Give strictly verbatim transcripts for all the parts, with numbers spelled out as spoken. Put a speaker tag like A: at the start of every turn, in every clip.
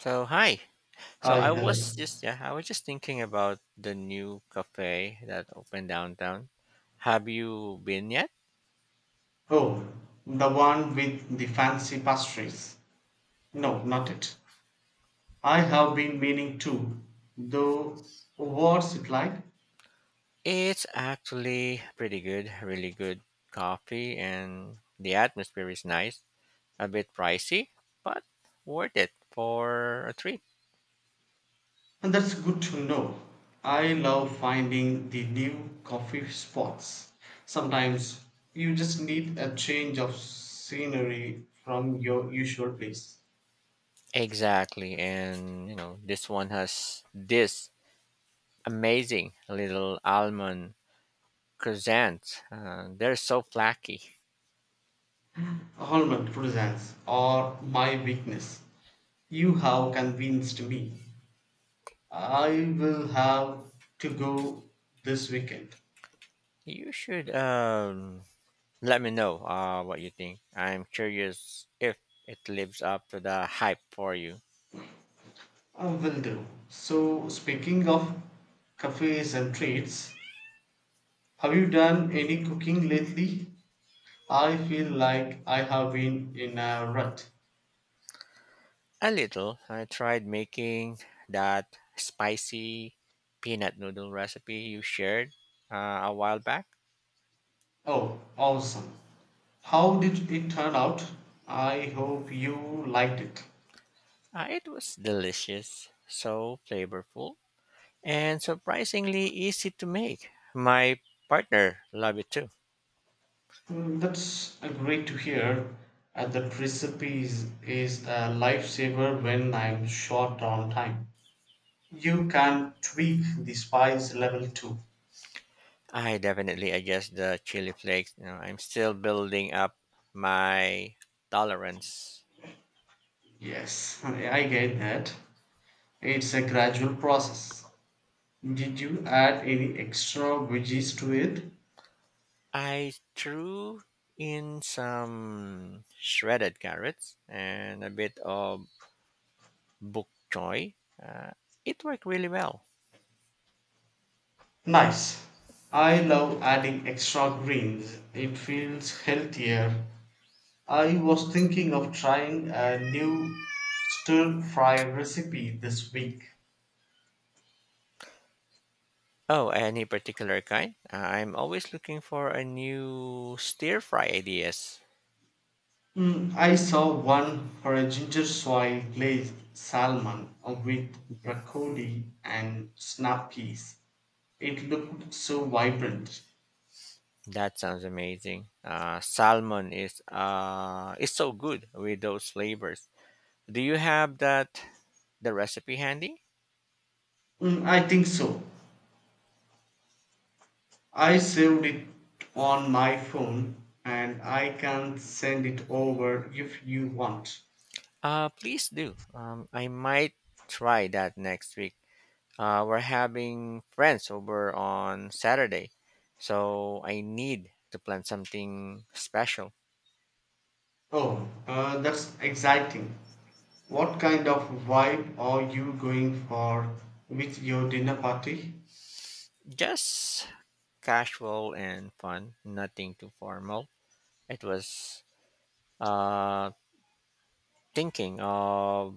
A: So hi. So
B: Hi,
A: I was
B: hello.
A: just yeah, I was just thinking about the new cafe that opened downtown. Have you been yet?
B: Oh, the one with the fancy pastries. No, not it. I have been meaning to, though, what's it like?
A: It's actually pretty good, really good coffee and the atmosphere is nice. A bit pricey, but worth it for a treat.
B: And that's good to know. I love finding the new coffee spots. Sometimes you just need a change of scenery from your usual place.
A: Exactly. And you know, this one has this amazing little almond croissant. Uh, they're so flaky.
B: Almond croissants are my weakness. You have convinced me. I will have to go this weekend.
A: You should um let me know, uh, what you think. I'm curious if it lives up to the hype for you.
B: I will do. So, speaking of cafes and treats, have you done any cooking lately? I feel like I have been in a rut.
A: A little. I tried making that spicy peanut noodle recipe you shared uh, a while back.
B: Oh, awesome. How did it turn out? I hope you liked it.
A: Uh, it was delicious, so flavorful, and surprisingly easy to make. My partner loved it too.
B: Mm, that's uh, great to hear. Uh, that recipes is a lifesaver when I'm short on time. You can tweak the spice level too.
A: I definitely adjust the chili flakes. You know, I'm still building up my tolerance.
B: Yes, I get that. It's a gradual process. Did you add any extra veggies to it?
A: I threw in some shredded carrots and a bit of bok choy. Uh, it worked really well.
B: Nice. I love adding extra greens. It feels healthier. I was thinking of trying a new stir fry recipe this week.
A: Oh, any particular kind? Uh, I'm always looking for a new stir fry ideas.
B: Mm, I saw one for a ginger soy glazed salmon uh, with broccoli and snap peas. It looked so vibrant.
A: That sounds amazing. Uh, salmon is uh is so good with those flavors. Do you have that the recipe handy?
B: Mm, I think so. I saved it on my phone and I can send it over if you want.
A: Uh, please do. Um, I might try that next week. Uh, we're having friends over on Saturday, so I need to plan something special.
B: Oh, uh, that's exciting. What kind of vibe are you going for with your dinner party?
A: Just casual and fun, nothing too formal. It was uh, thinking of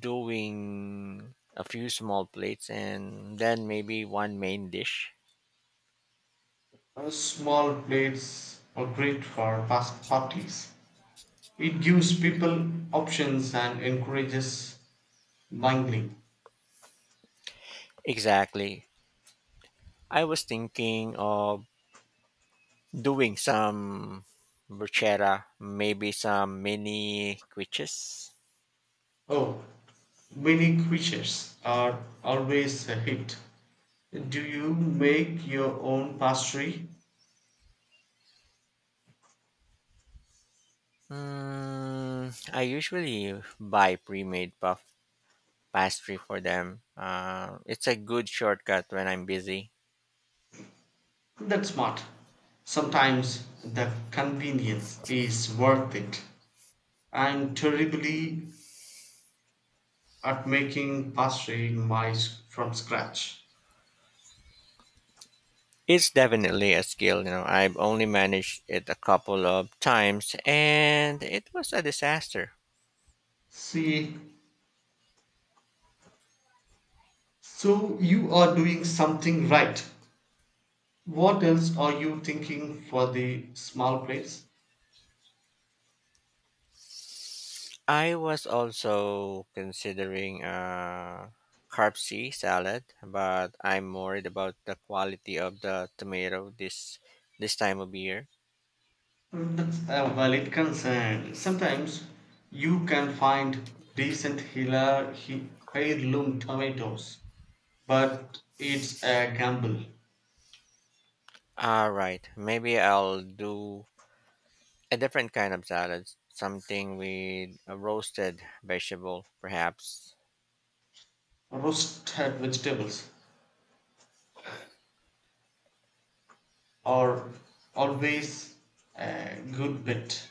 A: doing a few small plates and then maybe one main dish.
B: Uh, Small plates are great for fast parties. It gives people options and encourages mingling.
A: Exactly. I was thinking of doing some bruschetta, maybe some mini quiches.
B: Oh, mini quiches are always a hit. Do you make your own pastry?
A: Mm, I usually buy pre-made puff pastry for them. Uh, it's a good shortcut when I'm busy.
B: That's smart. Sometimes the convenience is worth it. I'm terribly at making pastry my from scratch.
A: It's definitely a skill, you know. I've only managed it a couple of times and it was a disaster.
B: See, so you are doing something right. What else are you thinking for the small plates?
A: I was also considering a carb C salad, but I'm worried about the quality of the tomato this this time of year.
B: Mm, that's a valid concern. Sometimes you can find decent Hila he- heirloom tomatoes, but it's a gamble.
A: All right, maybe I'll do a different kind of salad, something with a roasted vegetable, perhaps.
B: Roasted vegetables are always a good bet.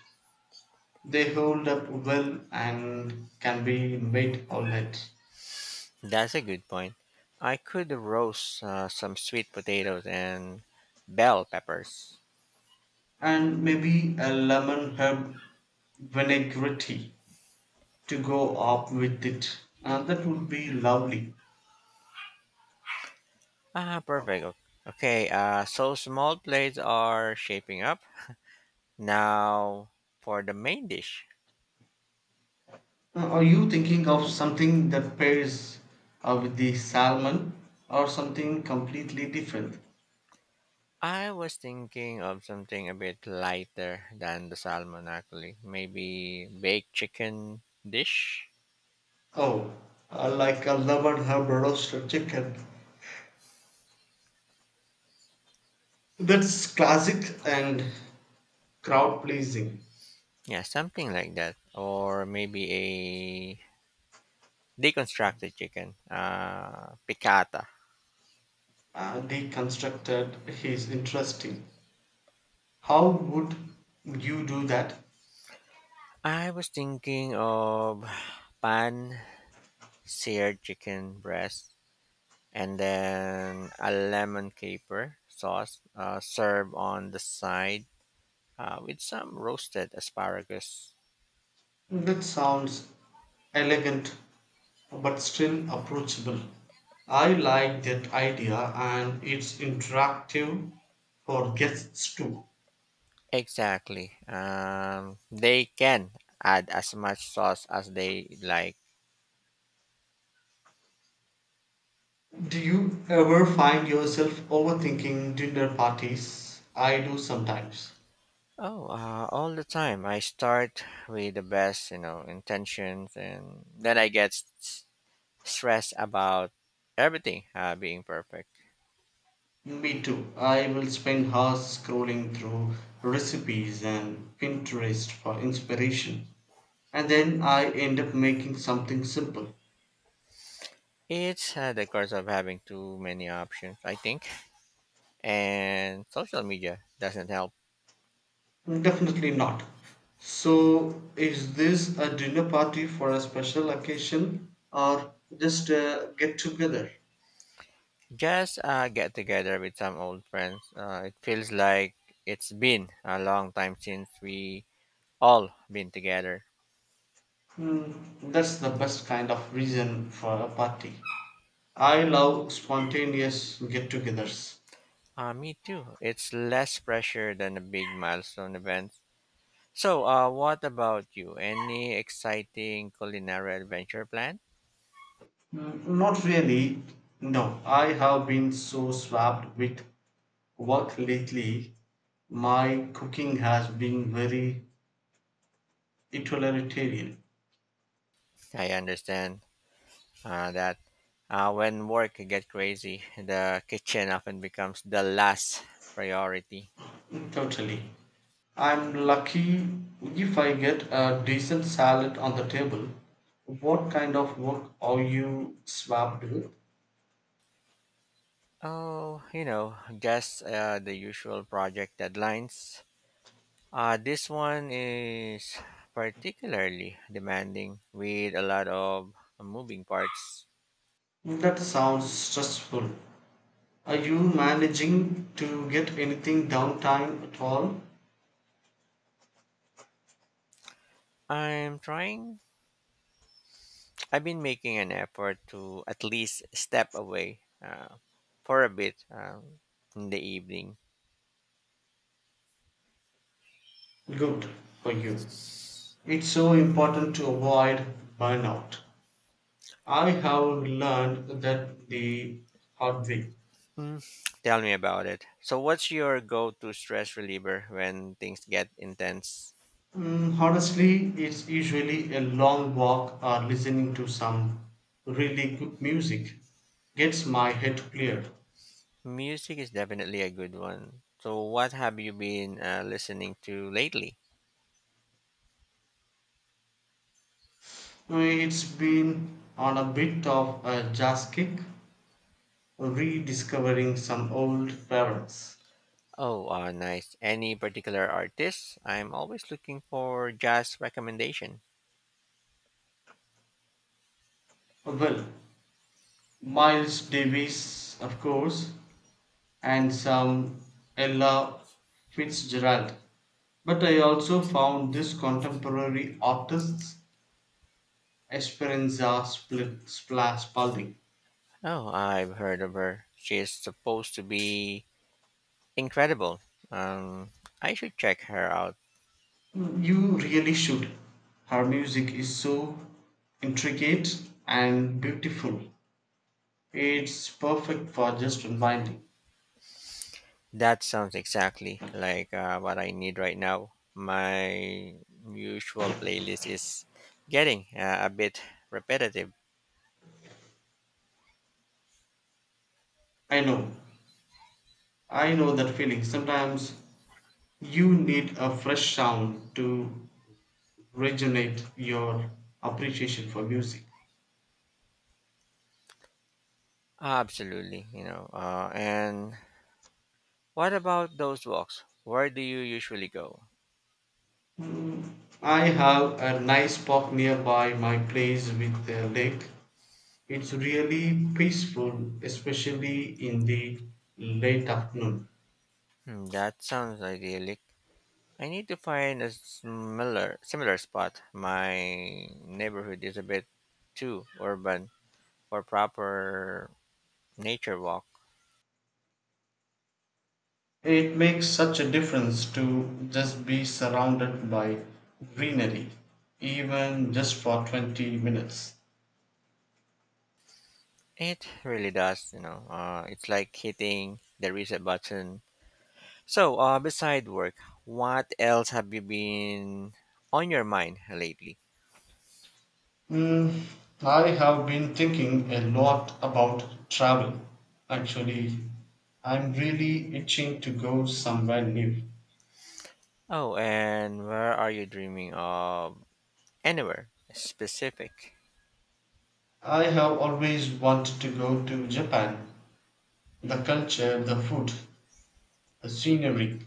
B: They hold up well and can be made all night.
A: That's a good point. I could roast uh, some sweet potatoes and bell peppers.
B: And maybe a lemon herb vinaigrette to go up with it. Uh, that would be lovely.
A: Ah, perfect. O- Okay, uh, so small plates are shaping up. Now, for the main dish,
B: Uh, are you thinking of something that pairs uh, with the salmon or something completely different?
A: I was thinking of something a bit lighter than the salmon, actually. Maybe baked chicken dish.
B: Oh, uh, like a lemon herb roasted chicken. That's classic and crowd pleasing.
A: Yeah, something like that. Or maybe a deconstructed chicken, uh, piccata.
B: Uh, deconstructed is interesting. How would you do that?
A: I was thinking of pan seared chicken breast and then a lemon caper sauce uh, served on the side uh, with some roasted asparagus.
B: That sounds elegant but still approachable. I like that idea and it's interactive for guests too.
A: Exactly. Um, they can add as much sauce as they like.
B: Do you ever find yourself overthinking dinner parties? I do sometimes.
A: Oh, uh, all the time. I start with the best, you know, intentions, and then I get s- stressed about everything uh, being perfect.
B: Me too. I will spend hours scrolling through recipes and Pinterest for inspiration. And then I end up making something simple.
A: It's uh, the curse of having too many options, I think, and social media doesn't help.
B: Definitely not. So, is this a dinner party for a special occasion or just a get together?
A: Just uh, get together with some old friends. Uh, it feels like it's been a long time since we all been together.
B: Hmm, that's the best kind of reason for a party. I love spontaneous get togethers.
A: Uh, me too. It's less pressure than a big milestone event. So, uh, what about you? Any exciting culinary adventure plan?
B: Not really. No, I have been so swamped with work lately. My cooking has been very utilitarian.
A: I understand uh, that uh, when work get crazy, the kitchen often becomes the last priority.
B: Totally. I'm lucky if I get a decent salad on the table. What kind of work are you swamped with?
A: Oh, you know, just uh, the usual project deadlines. Uh, this one is particularly demanding with a lot of moving parts.
B: That sounds stressful. Are you managing to get anything downtime at all?
A: I'm trying. I've been making an effort to at least step away uh, for a bit, um, in the evening.
B: Good for you. It's so important to avoid burnout. I have learned that the hard way.
A: Mm, tell me about it. So, what's your go to stress reliever when things get intense?
B: Mm, honestly, it's usually a long walk or listening to some really good music gets my head cleared.
A: Music is definitely a good one. So, what have you been uh, listening to lately?
B: Uh, It's been on a bit of a jazz kick, rediscovering some old favorites.
A: Oh, uh, nice. Any particular artist? I'm always looking for jazz recommendation.
B: Well, Miles Davis, of course, and some Ella Fitzgerald. But I also found this contemporary artists, Esperanza Split Spla- Spalding.
A: Oh, I've heard of her. She's supposed to be incredible. Um, I should check her out.
B: You really should. Her music is so intricate and beautiful. It's perfect for just unwinding.
A: That sounds exactly like uh, what I need right now. My usual playlist is getting uh, a bit repetitive.
B: I know. I know that feeling. Sometimes you need a fresh sound to regenerate your appreciation for music.
A: Absolutely, you know. Uh, and what about those walks? Where do you usually go?
B: I have a nice park nearby my place with a lake. It's really peaceful, especially in the late afternoon.
A: Hmm, that sounds idyllic. I need to find a similar similar spot. My neighborhood is a bit too urban for proper nature walk.
B: It makes such a difference to just be surrounded by greenery, even just for twenty minutes.
A: It really does, you know. Uh, it's like hitting the reset button. So, uh, beside work, what else have you been on your mind lately?
B: Mm, I have been thinking a lot about travel. Actually, I'm really itching to go somewhere new.
A: Oh, and where are you dreaming of? Anywhere specific?
B: I have always wanted to go to Japan. The culture, the food, the scenery,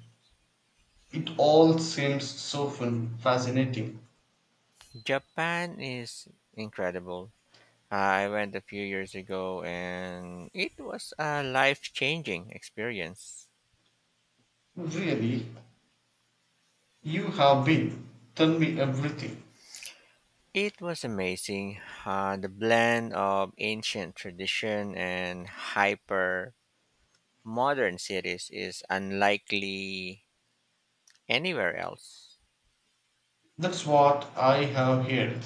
B: it all seems so fun, fascinating.
A: Japan is incredible. I went a few years ago and it was a life changing experience.
B: Really, you have been. Tell me everything.
A: It was amazing. Uh, the blend of ancient tradition and hyper modern cities is unlikely anywhere else.
B: That's what I have heard.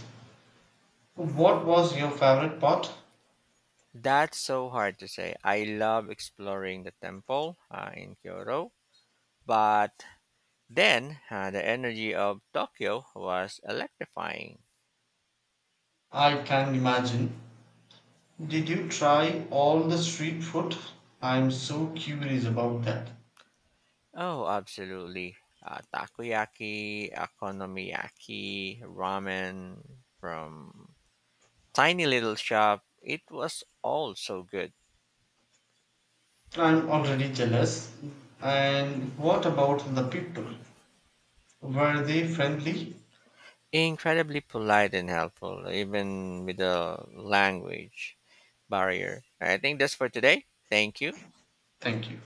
B: What was your favorite part?
A: That's so hard to say. I love exploring the temple uh, in Kyoto, but then uh, the energy of Tokyo was electrifying.
B: I can imagine. Did you try all the street food? I'm so curious about that.
A: Oh, absolutely. Uh, takoyaki, okonomiyaki, ramen from tiny little shop. It was all so good.
B: I'm already jealous. And what about the people? Were they friendly?
A: Incredibly polite and helpful, even with the language barrier. I think that's for today. Thank you.
B: Thank you.